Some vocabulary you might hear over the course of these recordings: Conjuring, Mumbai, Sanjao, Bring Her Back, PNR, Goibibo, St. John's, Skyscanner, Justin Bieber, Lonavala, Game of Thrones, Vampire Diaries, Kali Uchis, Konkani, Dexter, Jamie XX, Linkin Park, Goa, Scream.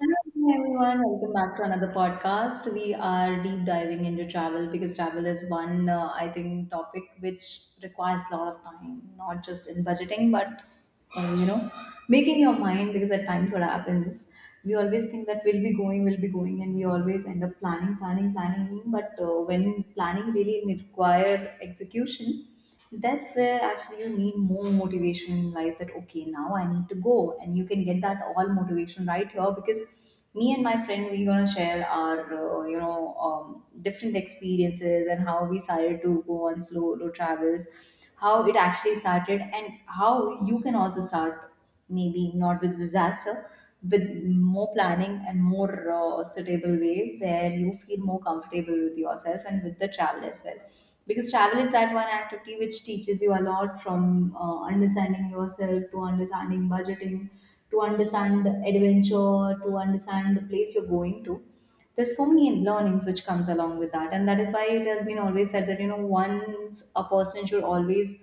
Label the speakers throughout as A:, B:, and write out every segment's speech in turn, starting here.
A: Hello everyone, welcome back to another podcast. We are deep diving into travel because travel is one, I think, topic which requires a lot of time, not just in budgeting, but um, you know, making your mind. Because at times, what happens, we always think that we'll be going, and we always end up planning, planning, planning. But when planning really require execution, that's where actually you need more motivation in life that okay, now I need to go, and you can get that all motivation right here because me and my friend, we're going to share our different experiences and how we started to go on slow low travels, how it actually started and how you can also start, maybe not with disaster, with more planning and more suitable way where you feel more comfortable with yourself and with the travel as well, because travel is that one activity which teaches you a lot, from understanding yourself to understanding budgeting, to understand the adventure, to understand the place you're going to. There's so many learnings which comes along with that, and that is why it has been always said that, you know, once a person should always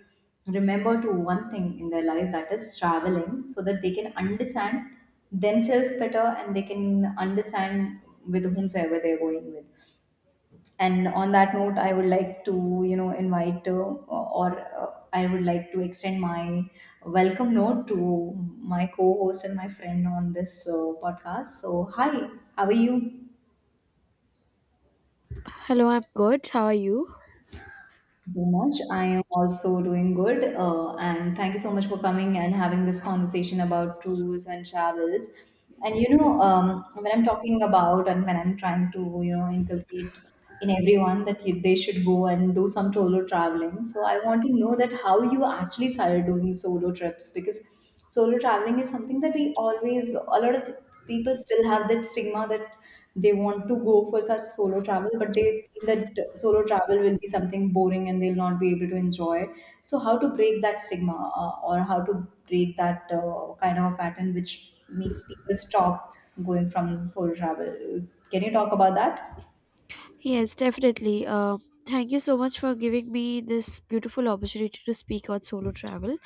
A: remember to one thing in their life, that is traveling, so that they can understand themselves better and they can understand with whomsoever they're going with. And on that note, I would like to, you know, invite or I would like to extend my welcome note to my co-host and my friend on this podcast. So, hi, how are you?
B: Hello, I'm good. How are you?
A: Very much. I am also doing good. And thank you so much for coming and having this conversation about tours and travels. And you know, when I'm talking about and when I'm trying to, you know, inculcate in everyone that you, they should go and do some solo traveling. So I want to know that how you actually started doing solo trips, because solo traveling is something that we always, a lot of people still have that stigma, that they want to go for such solo travel, but they feel that solo travel will be something boring and they'll not be able to enjoy. So, how to break that stigma or how to break that kind of a pattern which makes people stop going from solo travel? Can you talk about that?
B: Yes, definitely. Thank you so much for giving me this beautiful opportunity to speak on solo travel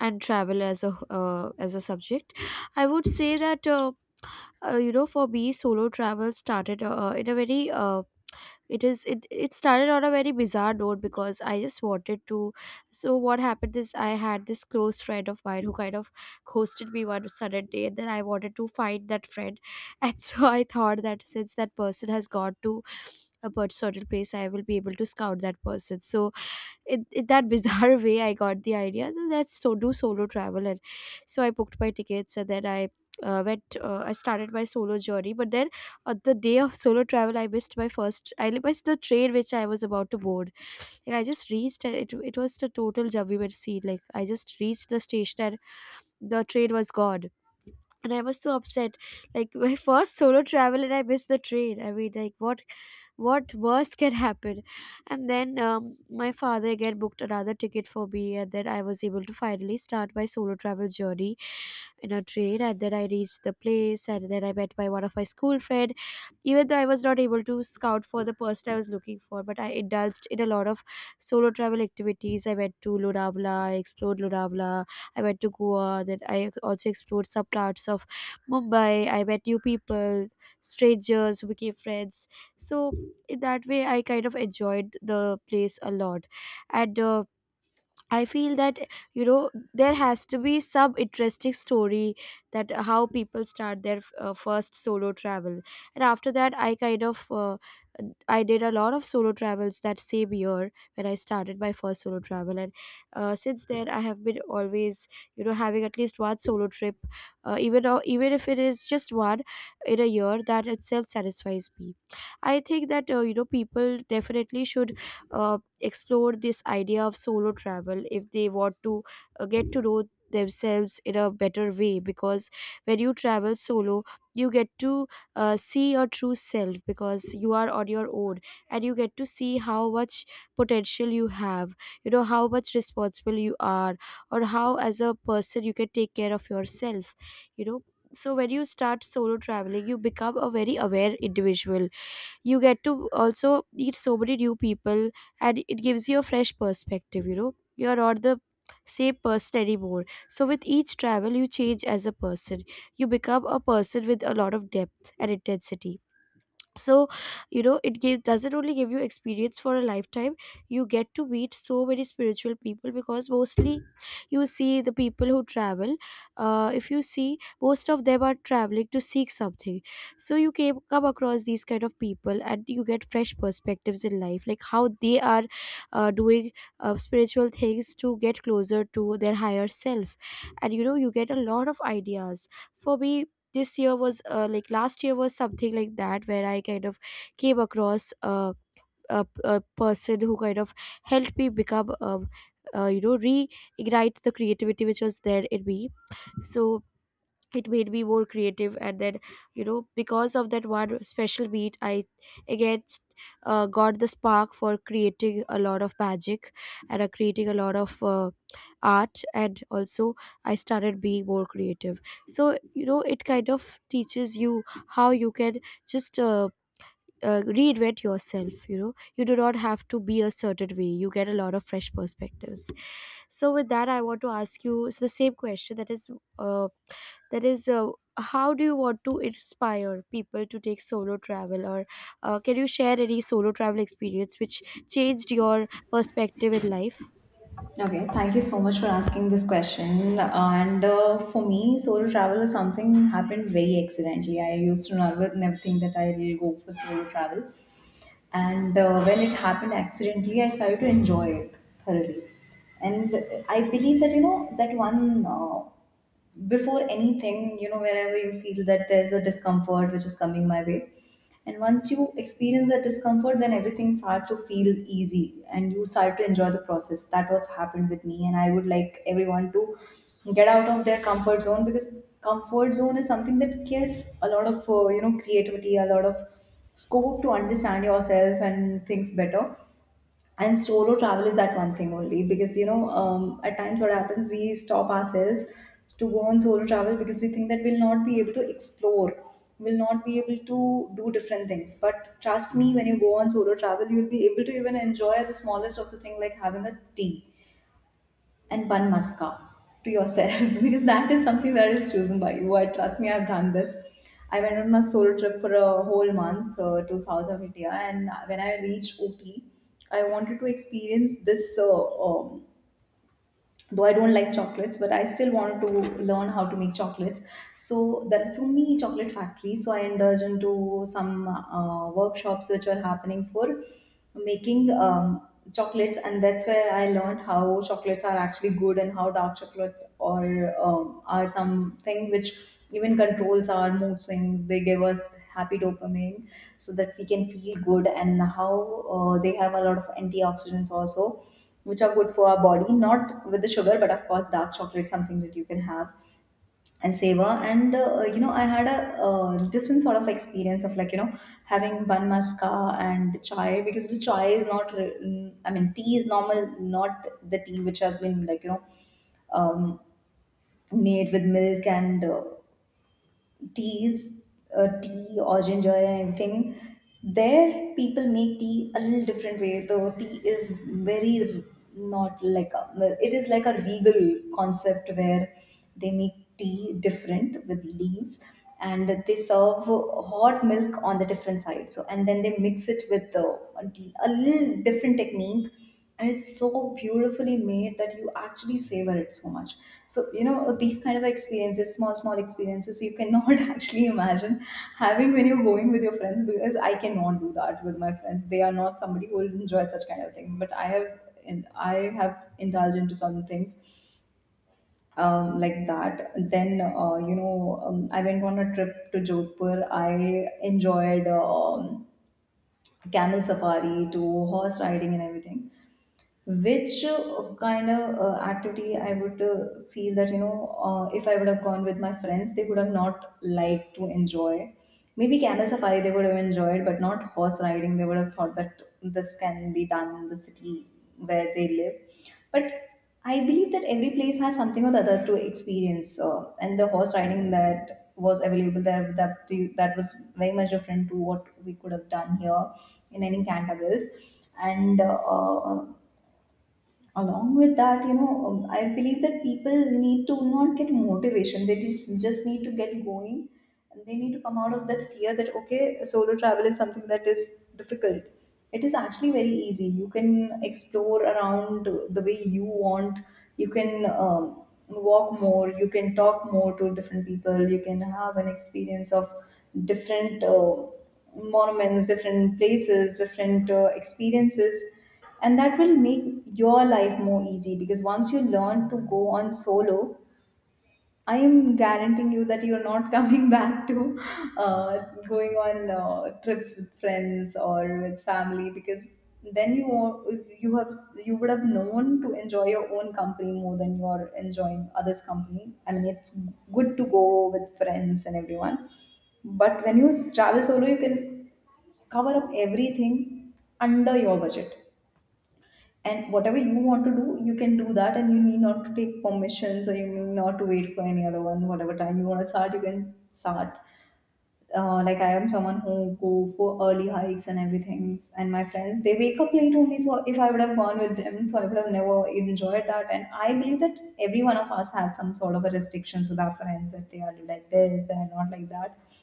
B: and travel as a subject. I would say that you know, for me, solo travel started in a very uh, it is it it started on a very bizarre note, because I just wanted to, so what happened is, I had this close friend of mine who kind of ghosted me one sudden day, and then I wanted to find that friend. And so I thought that since that person has gone to certain place, I will be able to scout that person. So it that bizarre way I got the idea. Then let's so do solo travel, and so I booked my tickets, and then I went. I started my solo journey, but then on the day of solo travel, I missed my first. I missed the train which I was about to board. Like I just reached, and it was the total jabbi scene. Like I just reached the station, and the train was gone, and I was so upset, like my first solo travel and I missed the train. I mean, like, what worse can happen. And then my father again booked another ticket for me, and then I was able to finally start my solo travel journey in a train. And then I reached the place, and then I met my one of my school friend. Even though I was not able to scout for the person I was looking for, but I indulged in a lot of solo travel activities. I went to Lonavala, I explored Lonavala. I went to Goa. Then I also explored some parts of Mumbai. I met new people, strangers who became friends. So in that way, I kind of enjoyed the place a lot. And I feel that, you know, there has to be some interesting story that how people start their first solo travel, and after that I kind of I did a lot of solo travels that same year when I started my first solo travel. And since then I have been always, you know, having at least one solo trip, even though, even if it is just one in a year, that itself satisfies me. I think that you know, people definitely should explore this idea of solo travel if they want to get to know themselves in a better way, because when you travel solo, you get to see your true self, because you are on your own. And you get to see how much potential you have, you know, how much responsible you are, or how as a person you can take care of yourself, you know. So when you start solo traveling, you become a very aware individual. You get to also meet so many new people, and it gives you a fresh perspective. You know, you're not the same person anymore, so with each travel you change as a person. You become a person with a lot of depth and intensity. So, you know, it gives doesn't only give you experience for a lifetime. You get to meet so many spiritual people, because mostly you see the people who travel, if you see, most of them are traveling to seek something. So you came, come across these kind of people, and you get fresh perspectives in life, like how they are doing spiritual things to get closer to their higher self. And you know, you get a lot of ideas. For me, this year was like, last year was something like that, where I kind of came across a person who kind of helped me become you know, reignite the creativity which was there in me. So it made me more creative, and then, you know, because of that one special meet, I again got the spark for creating a lot of magic, and creating a lot of art, and also I started being more creative. So you know, it kind of teaches you how you can just reinvent yourself. You know, you do not have to be a certain way. You get a lot of fresh perspectives. So with that, I want to ask you, it's the same question, that is uh, that is uh, how do you want to inspire people to take solo travel, or can you share any solo travel experience which changed your perspective in life?
A: Okay, thank you so much for asking this question. And for me, solo travel is something happened very accidentally. I used to never, never think that I will go for solo travel. And when it happened accidentally, I started to enjoy it thoroughly. And I believe that, you know, that one before anything, you know, wherever you feel that there's a discomfort which is coming my way. And once you experience that discomfort, then everything starts to feel easy and you start to enjoy the process. That what's happened with me. And I would like everyone to get out of their comfort zone, because comfort zone is something that kills a lot of, you know, creativity, a lot of scope to understand yourself and things better. And solo travel is that one thing only, because you know, at times what happens, we stop ourselves to go on solo travel because we think that we'll not be able to explore, we'll not be able to do different things. But trust me, when you go on solo travel, you'll be able to even enjoy the smallest of the thing, like having a tea and one mascara to yourself because that is something that is chosen by you. I trust me, I've done this. I went on a solo trip for a whole month to South of India, and when I reached Ooty, I wanted to experience this though I don't like chocolates, but I still wanted to learn how to make chocolates. So there are so many chocolate factories. So I indulged into some workshops which were happening for making chocolates, and that's where I learned how chocolates are actually good and how dark chocolates are something which even controls our mood swings. They give us happy dopamine so that we can feel good, and how they have a lot of antioxidants also which are good for our body, not with the sugar, but of course, dark chocolate, something that you can have and savor. And you know, I had a different sort of experience of, like, you know, having bun maska and the chai, because the chai is not, I mean, tea is normal, not the tea which has been, like, you know, um, made with milk and teas, tea or ginger and everything, there people make tea a little different way. Though tea is very not like a, well, it is like a legal concept where they make tea different with leaves, and they serve hot milk on the different side. So, and then they mix it with the a little different technique, and it's so beautifully made that you actually savor it so much. So you know, these kind of experiences, small small experiences, you cannot actually imagine having when you're going with your friends, because I cannot do that with my friends. They are not somebody who will enjoy such kind of things, but I have, and I have indulged into some things like that. Then, I went on a trip to Jodhpur. I enjoyed camel safari to horse riding and everything, which kind of activity I would feel that, you know, if I would have gone with my friends, they would have not liked to enjoy. Maybe camel safari they would have enjoyed, but not horse riding. They would have thought that this can be done in the city where they live. But I believe that every place has something or the other to experience, and the horse riding that was available there, that was very much different to what we could have done here in any Cantervilles. And along with that, you know, I believe that people need to not get motivation, they just need to get going, and they need to come out of that fear that okay, solo travel is something that is difficult. It is actually very easy. You can explore around the way you want. You can walk more, you can talk more to different people, you can have an experience of different monuments, different places, different experiences, and that will make your life more easy. Because once you learn to go on solo, I am guaranteeing you that you're not coming back to uh, going on trips with friends or with family, because then you are- you have, you would have known to enjoy your own company more than you're enjoying others company. I mean, it's good to go with friends and everyone, but when you travel solo, you can cover up everything under your budget, and whatever you want to do, you can do that, and you need not to take permissions, or you need not to wait for any other one. Whatever time you want to start, you can start. Like, I am someone who go for early hikes and everything, and my friends, they wake up late only. So if I would have gone with them, so I would have never enjoyed that. And I believe that every one of us had some sort of a restrictions with our friends, that they are like this, they are not like that,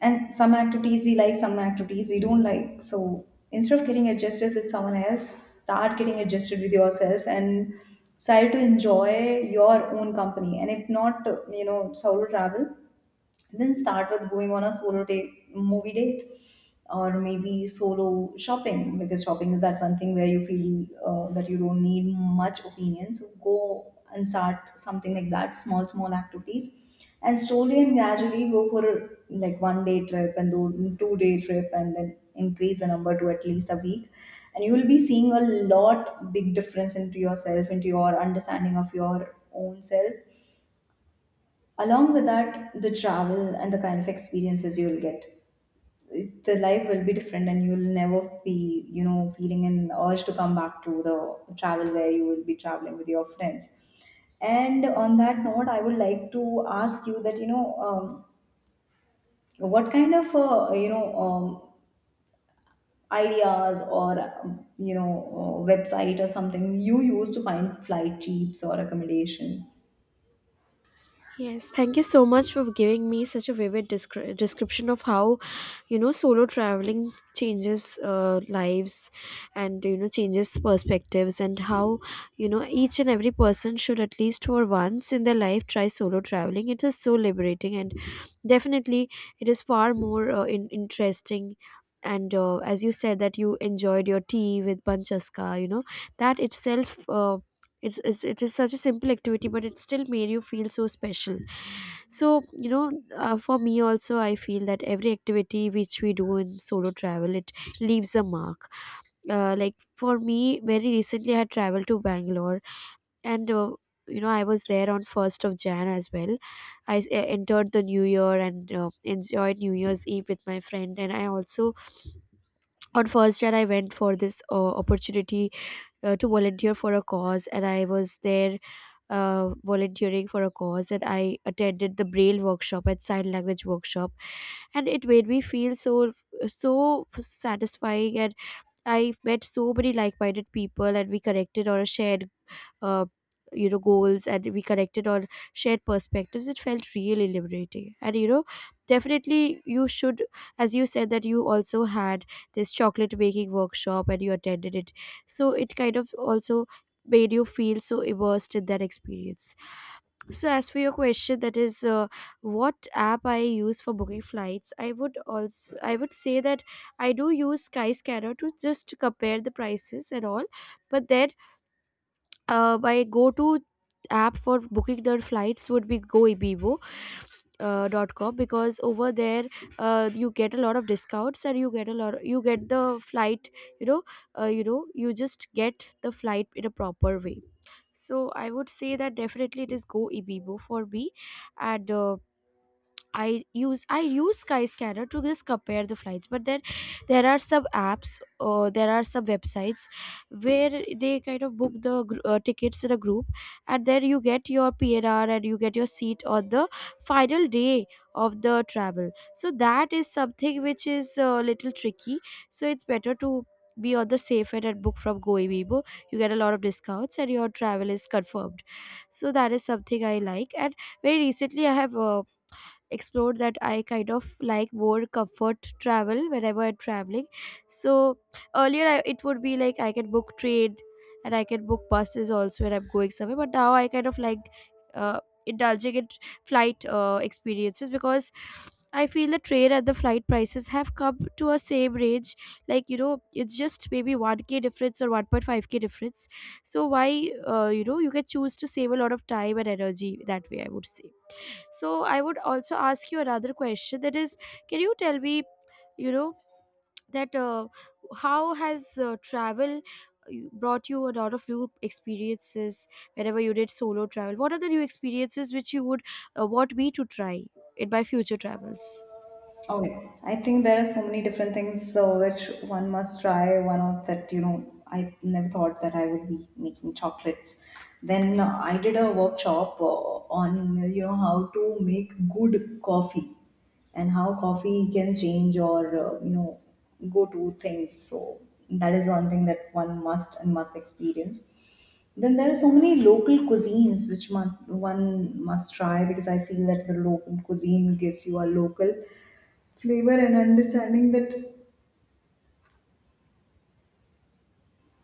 A: and some activities we like, some activities we don't like. So instead of getting adjusted with someone else, start getting adjusted with yourself and try to enjoy your own company. And if not, solo travel, then start with going on a solo date, movie date, or maybe solo shopping, because shopping is that one thing where you feel that you don't need much opinion. So go and start something like that, small small activities, and slowly and gradually go for a, like one day trip and do two-day trip, and then increase the number to at least a week. And you will be seeing a lot big difference into yourself, into your understanding of your own self, along with that the travel and the kind of experiences you'll get, the life will be different and you'll never be feeling an urge to come back to the travel where you will be traveling with your friends. And on that note I would like to ask you that what kind of ideas or website or something you use to find flight trips or accommodations?
B: Yes, thank you so much for giving me such a vivid description of how, you know, solo traveling changes lives, and you know, changes perspectives, and how, you know, each and every person should at least for once in their life try solo traveling. It is so liberating, and definitely it is far more interesting. And as you said that you enjoyed your tea with panchaska, you know, that itself it's it is such a simple activity, but it still made you feel so special. So you know, for me also, I feel that every activity which we do in solo travel, it leaves a mark. Like for me, very recently, I had traveled to Bangalore. And you know, I was there on 1st of Jan as well. Entered the new year, and enjoyed new year's eve with my friend. And I also on 1st Jan, I went for this opportunity to volunteer for a cause. And I was there volunteering for a cause, and I attended the Braille workshop and sign language workshop. And it made me feel so so satisfying, and I met so many like-minded people, and we connected on a shared uh, you know, goals. And we connected on shared perspectives. It felt really liberating. And you know, definitely you should, as you said that you also had this chocolate making workshop and you attended it, so it kind of also made you feel so immersed in that experience. So as for your question, that is what app I use for booking flights, I would also, I would say that I do use Skyscanner to just compare the prices and all. But then my go-to app for booking their flights would be Goibibo dot com, because over there you get a lot of discounts, and you get a lot, you get the flight, you know, you know, you just get the flight in a proper way. So I would say that definitely it is Goibibo for me. And I use Skyscanner to just compare the flights, but then there are some apps, or there are some websites where they kind of book the tickets in a group, and then you get your PNR, and you get your seat on the final day of the travel. So that is something which is a little tricky. So it's better to be on the safe end and book from Goibibo. You get a lot of discounts and your travel is confirmed. So that is something I like. And very recently, I have explored that I kind of like more comfort travel whenever I'm traveling. So earlier it would be like I can book train, and I can book buses also when I'm going somewhere, but now I kind of like uh, indulging in flight experiences, because I feel the train and the flight prices have come to a same range. Like you know, it's just maybe 1K difference, or 1.5K difference. So why you know, you can choose to save a lot of time and energy that way, I would say. So I would also ask you another question, that is, can you tell me, you know, that how has travel brought you a lot of new experiences whenever you did solo travel? What are the new experiences which you would want me to try in my future travels?
A: Oh, I think there are so many different things so which one must try. One of that, you know, I never thought that I would be making chocolates. Then I did a workshop on, you know, how to make good coffee and how coffee can change or, you know, go to things. So that is one thing that one must and must experience. Then there are so many local cuisines which one must try, because I feel that the local cuisine gives you a local flavor and understanding that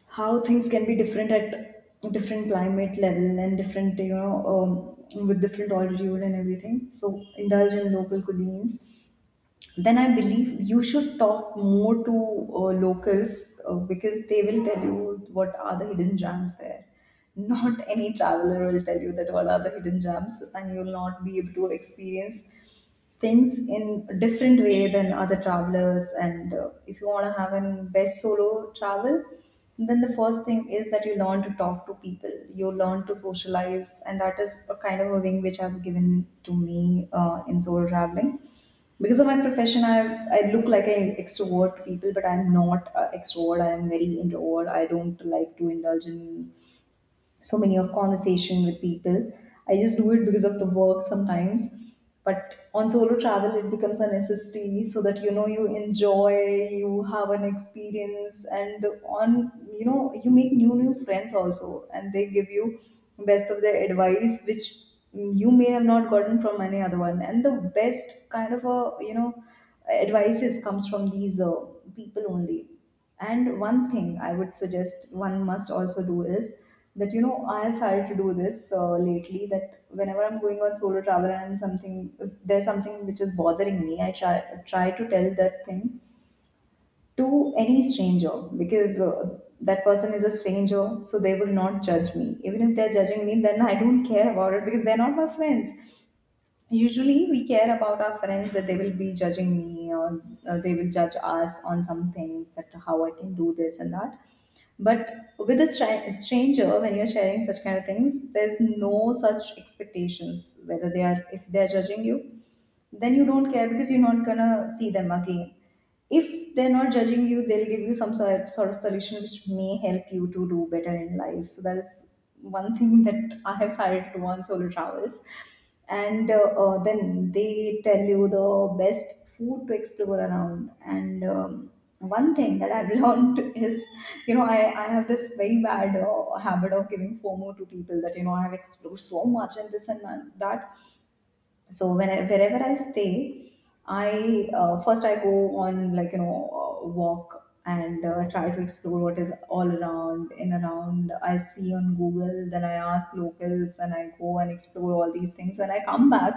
A: how things can be different at different climate level and different with different altitude and everything. So indulge in local cuisines. Then I believe you should talk more to locals, because they will tell you what are the hidden gems there. Not any traveler will tell you that what are the hidden gems, and you will not be able to experience things in a different way than other travelers. And if you want to have an best solo travel, then the first thing is that you learn to talk to people, you learn to socialize. And that is a kind of a wing which has given to me in solo traveling. Because of my profession, I look like an extrovert to people, but I'm not a extrovert, I'm very introvert. I don't like to indulge in so many of conversation with people. I just do it because of the work sometimes. But on solo travel, it becomes a necessity so that you know you enjoy, you have an experience, and on you know you make new friends also, and they give you best of their advice, which you may have not gotten from any other one. And the best kind of a you know advices comes from these people only. And one thing I would suggest one must also do is that you know I have started to do this lately. That whenever I'm going on solo travel and something, there's something which is bothering me, I try to tell that thing to any stranger, because that person is a stranger, so they will not judge me. Even if they're judging me, then I don't care about it because they're not my friends. Usually, we care about our friends that they will be judging me or they will judge us on some things that how I can do this and that. But with a stranger, when you're sharing such kind of things, there's no such expectations. Whether they are, if they're judging you, then you don't care because you're not gonna see them again. If they're not judging you, they'll give you some sort of solution which may help you to do better in life. So that is one thing that I have started to do on solo travels. And then they tell you the best food to explore around. And one thing that I've learned is, you know, I have this very bad habit of giving FOMO to people that, you know, I have explored so much and this and that. So when I, wherever I stay, I first I go on like you know walk, and try to explore what is all around in around, I see on Google, then I ask locals and I go and explore all these things, and I come back.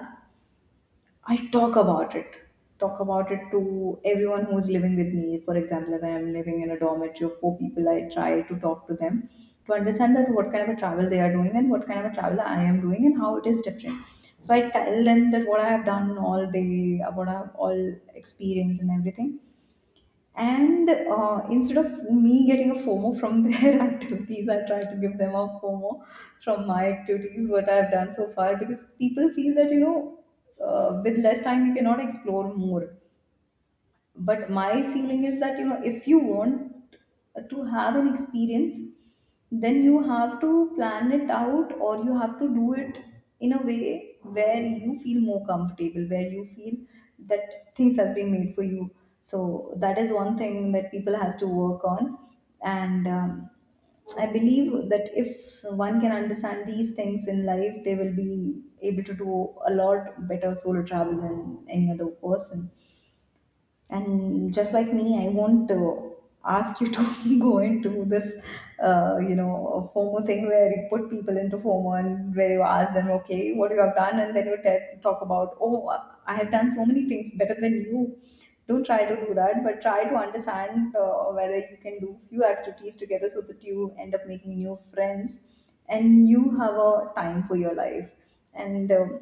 A: I talk about it. Talk about it to everyone who's living with me. For example, if I'm living in a dormitory of four people, I try to talk to them to understand that what kind of a travel they are doing and what kind of a travel I am doing and how it is different. So I tell them that what I have done, all day, what I have all experienced and everything, and instead of me getting a FOMO from their activities, I try to give them a FOMO from my activities, what I've done so far, because people feel that, you know, with less time, you cannot explore more. But my feeling is that you know if you want to have an experience, then you have to plan it out, or you have to do it in a way where you feel more comfortable, where you feel that things has been made for you. So that is one thing that people has to work on. And I believe that if one can understand these things in life, they will be able to do a lot better solo travel than any other person. And just like me, I won't ask you to go into this FOMO thing where you put people into FOMO and where you ask them, okay, what you have done, and then you talk about, oh, I have done so many things better than you. Don't try to do that, but try to understand whether you can do few activities together so that you end up making new friends and you have a time for your life. And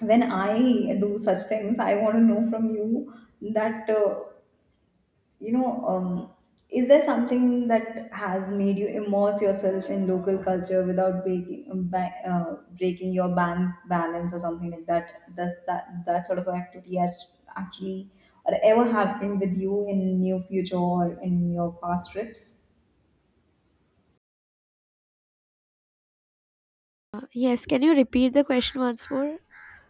A: when I do such things, I want to know from you that, you know, um, is there something that has made you immerse yourself in local culture without breaking, breaking your bank balance or something like that? Does that sort of activity actually or ever happened with you in your future or in your past trips?
B: Yes, can you repeat the question once more?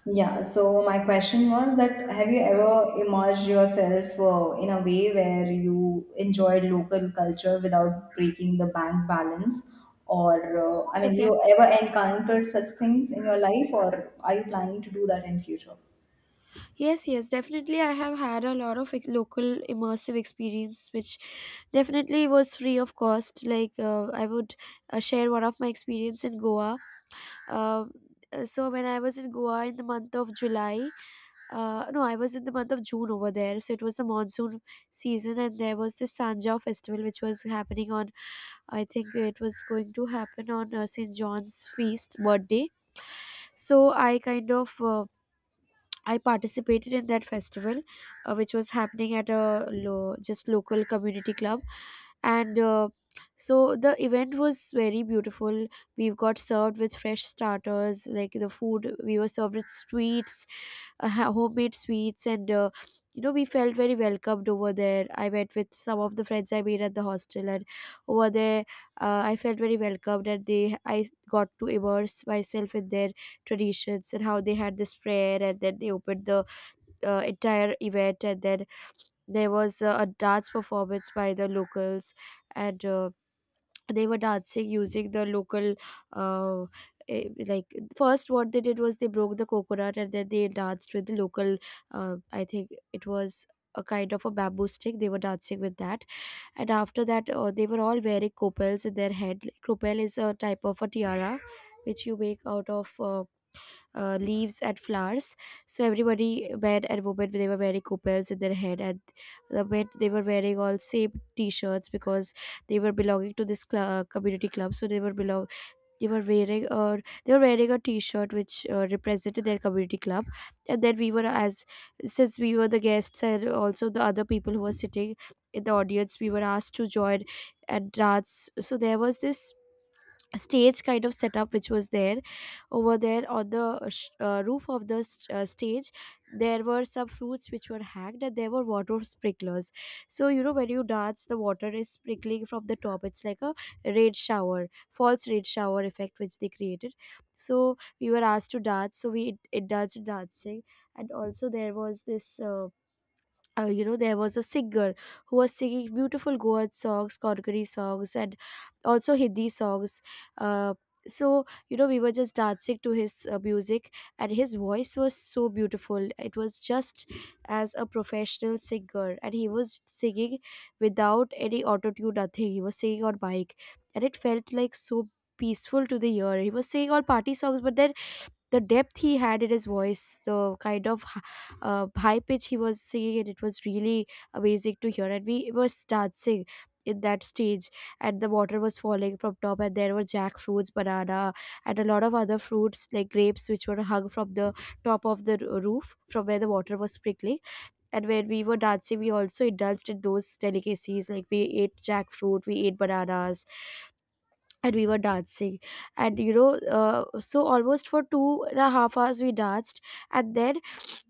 A: Yeah, so my question was that have you ever immersed yourself in a way where you enjoyed local culture without breaking the bank balance? Or, I
B: Oh,
A: mean, you ever encountered such things in your life, or are you planning to do that in future?
B: yes, yes, definitely, I have had a lot of local immersive experience, which definitely was free of cost. Like, I would share one of my experience in Goa. Um, so when I was in Goa in the month of July, uh, no, I was in the month of June over there, so it was the monsoon season. And there was this Sanjao festival which was happening on, I think it was going to happen on St. John's feast birthday. So I kind of I participated in that festival, which was happening at a just local community club, and so the event was very beautiful. We got served with fresh starters, like the food. We were served with sweets, homemade sweets, and you know we felt very welcomed over there. I went with some of the friends I made at the hostel, and over there I felt very welcomed, and they I got to immerse myself in their traditions, and how they had this prayer, and then they opened the entire event. And then there was a dance performance by the locals, and they were dancing using the local uh, like, first what they did was they broke the coconut, and then they danced with the local, I think it was a kind of a bamboo stick. They were dancing with that, and after that they were all wearing copels in their head. Like, copel is a type of a tiara which you make out of leaves and flowers. So everybody, men and women, they were wearing coupons in their head, and the men, they were wearing all same t-shirts, because they were belonging to this community club. So they were belong they were wearing a. they were wearing a t-shirt which represented their community club. And then we were, as since we were the guests, and also the other people who were sitting in the audience, we were asked to join and dance. So there was this stage kind of setup which was there. Over there, on the roof of the stage, there were some fruits which were hacked, and there were water sprinklers. So you know, when you dance, the water is sprinkling from the top. It's like a rain shower, false rain shower effect, which they created. So we were asked to dance, so we indulged in dancing. And also there was this you know, there was a singer who was singing beautiful Goa songs, Konkani songs, and also Hindi songs. uh, so you know, we were just dancing to his music, and his voice was so beautiful. It was just as a professional singer, and he was singing without any auto tune, nothing. He was singing on mic, and it felt like so peaceful to the ear. He was singing all party songs, but then the depth he had in his voice, the kind of high pitch he was singing, and it was really amazing to hear. And we were dancing in that stage, and the water was falling from top, and there were jackfruits, banana, and a lot of other fruits like grapes, which were hung from the top of the roof, from where the water was sprinkling. And when we were dancing, we also indulged in those delicacies. Like, we ate jackfruit, we ate bananas, and we were dancing. And you know, so almost for 2.5 hours we danced. And then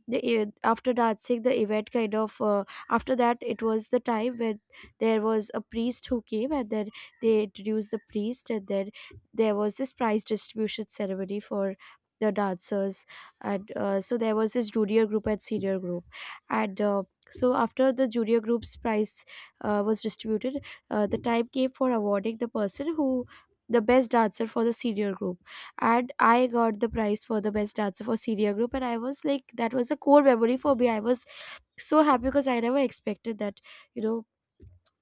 B: after Danzig, the event kind of, after that, it was the time when there was a priest who came, and then they introduced the priest, and then there was this prize distribution ceremony for the dancers. And so there was this junior group and senior group, and. So after the junior group's prize was distributed, the time came for awarding the person who, the best dancer for the senior group. And I got the prize for the best dancer for senior group, and I was like, that was a core memory for me. I was so happy, because I never expected that, you know,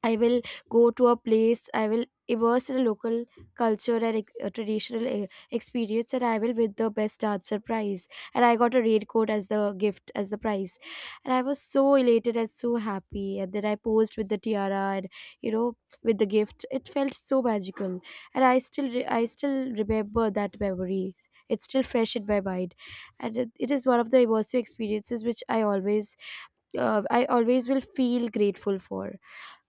B: I will go to a place, I will immerse in a local culture and traditional experience, and I will win the best dancer prize. And I got a raincoat as the gift, as the prize. And I was so elated and so happy. And then I posed with the tiara, and, you know, with the gift. It felt so magical. And I still, I still remember that memory. It's still fresh in my mind. And it is one of the immersive experiences which I always, I always will feel grateful for.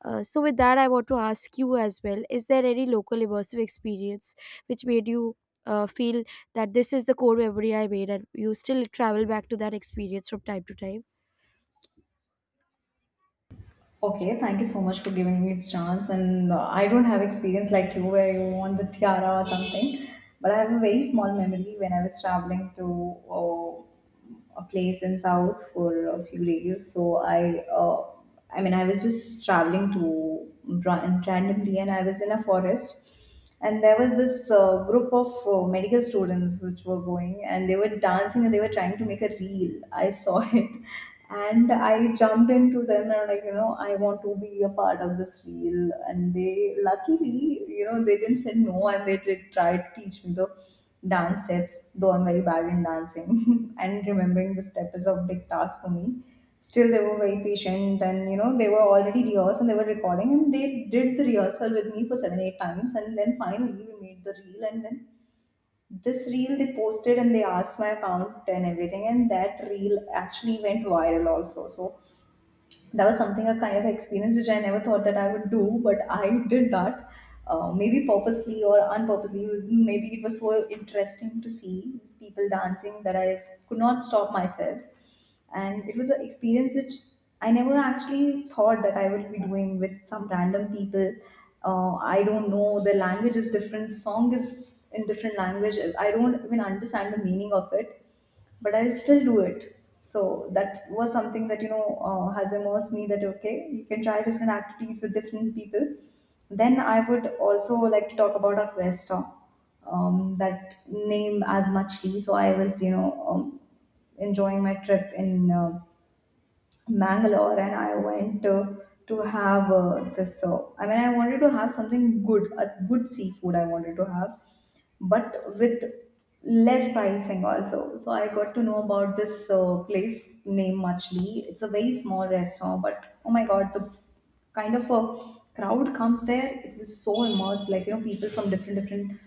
B: So, with that, I want to ask you as well, is there any local immersive experience which made you feel that this is the core memory I made, and you still travel back to that experience from time to time?
A: Okay, thank you so much for giving me this chance. And I don't have experience like you where you want the tiara or something, but I have a very small memory when I was traveling to a place in South for a few days. So I mean, I was just traveling to randomly, and I was in a forest. And there was this group of medical students which were going, and they were dancing and they were trying to make a reel. I saw it, and I jumped into them, and I'm like, you know, I want to be a part of this reel. And they, luckily, you know, they didn't say no, and they did try to teach me the dance steps, though I'm very bad in dancing and remembering the step is a big task for me. Still they were very patient, and you know they were already rehearsed and they were recording, and they did the rehearsal with me for seven eight times, and then finally we made the reel. And then this reel they posted, and they asked my account and everything, and that reel actually went viral also. So that was something, a kind of experience which I never thought that I would do, but I did that. Maybe purposely or unpurposely. Maybe it was so interesting to see people dancing that I could not stop myself. And it was an experience which I never actually thought that I would be doing with some random people. I don't know. The language is different. Song is in different language. I don't even understand the meaning of it, but I'll still do it. So that was something that you know has immersed me that okay, you can try different activities with different people. Then I would also like to talk about our restaurant, that name as much tea. So I was you know enjoying my trip in Mangalore, and I went to have this. I mean, I wanted to have something good, a good seafood I wanted to have, but with less pricing also. So I got to know about this place named Machli. It's a very small restaurant, but oh my god, the kind of a crowd comes there, it was so immersed, like you know people from different different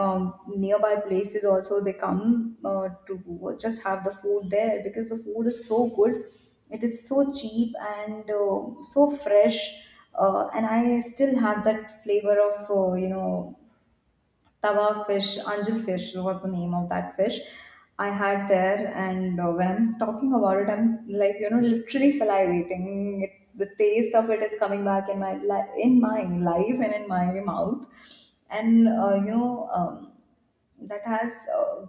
A: um, nearby places also they come to just have the food there because the food is so good, it is so cheap and so fresh. And I still have that flavor of you know Tava fish. Anjil fish was the name of that fish I had there. And when I'm talking about it, I'm like you know literally salivating. It, the taste of it is coming back in my in my life and in my mouth, and that has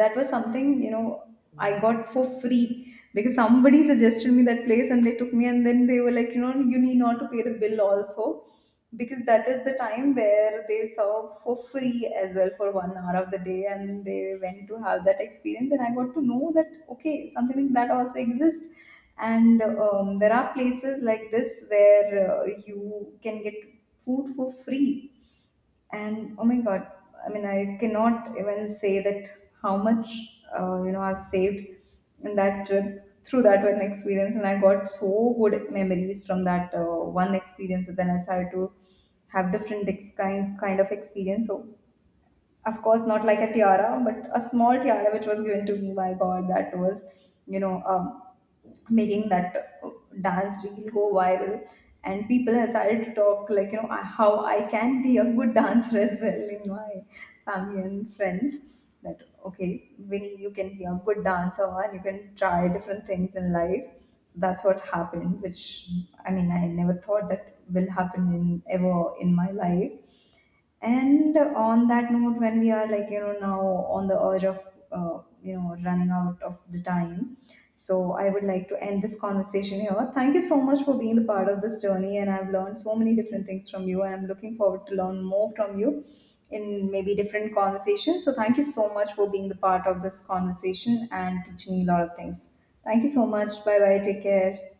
A: that was something you know I got for free, because somebody suggested me that place and they took me, and then they were like, you know, you need not to pay the bill also, because that is the time where they serve for free as well for one hour of the day. And they went to have that experience, and I got to know that okay, something like that also exists. And there are places like this where you can get food for free. And oh my god, I mean I cannot even say that how much I've saved in that trip through that one experience. And I got so good memories from that one experience, and then I started to have different kind of experience. So of course not like a tiara, but a small tiara which was given to me by god, that was you know making that dance reel go viral, and people have started to talk like, you know, how I can be a good dancer as well in my family and friends, that okay Vinny, you can be a good dancer and you can try different things in life. So that's what happened, which I mean I never thought that will happen in ever in my life. And on that note, when we are like, you know, now on the urge of, running out of the time, so I would like to end this conversation here. Thank you so much for being the part of this journey, and I've learned so many different things from you, and I'm looking forward to learn more from you in maybe different conversations. So thank you so much for being the part of this conversation and teaching me a lot of things. Thank you so much. Bye bye. Take care.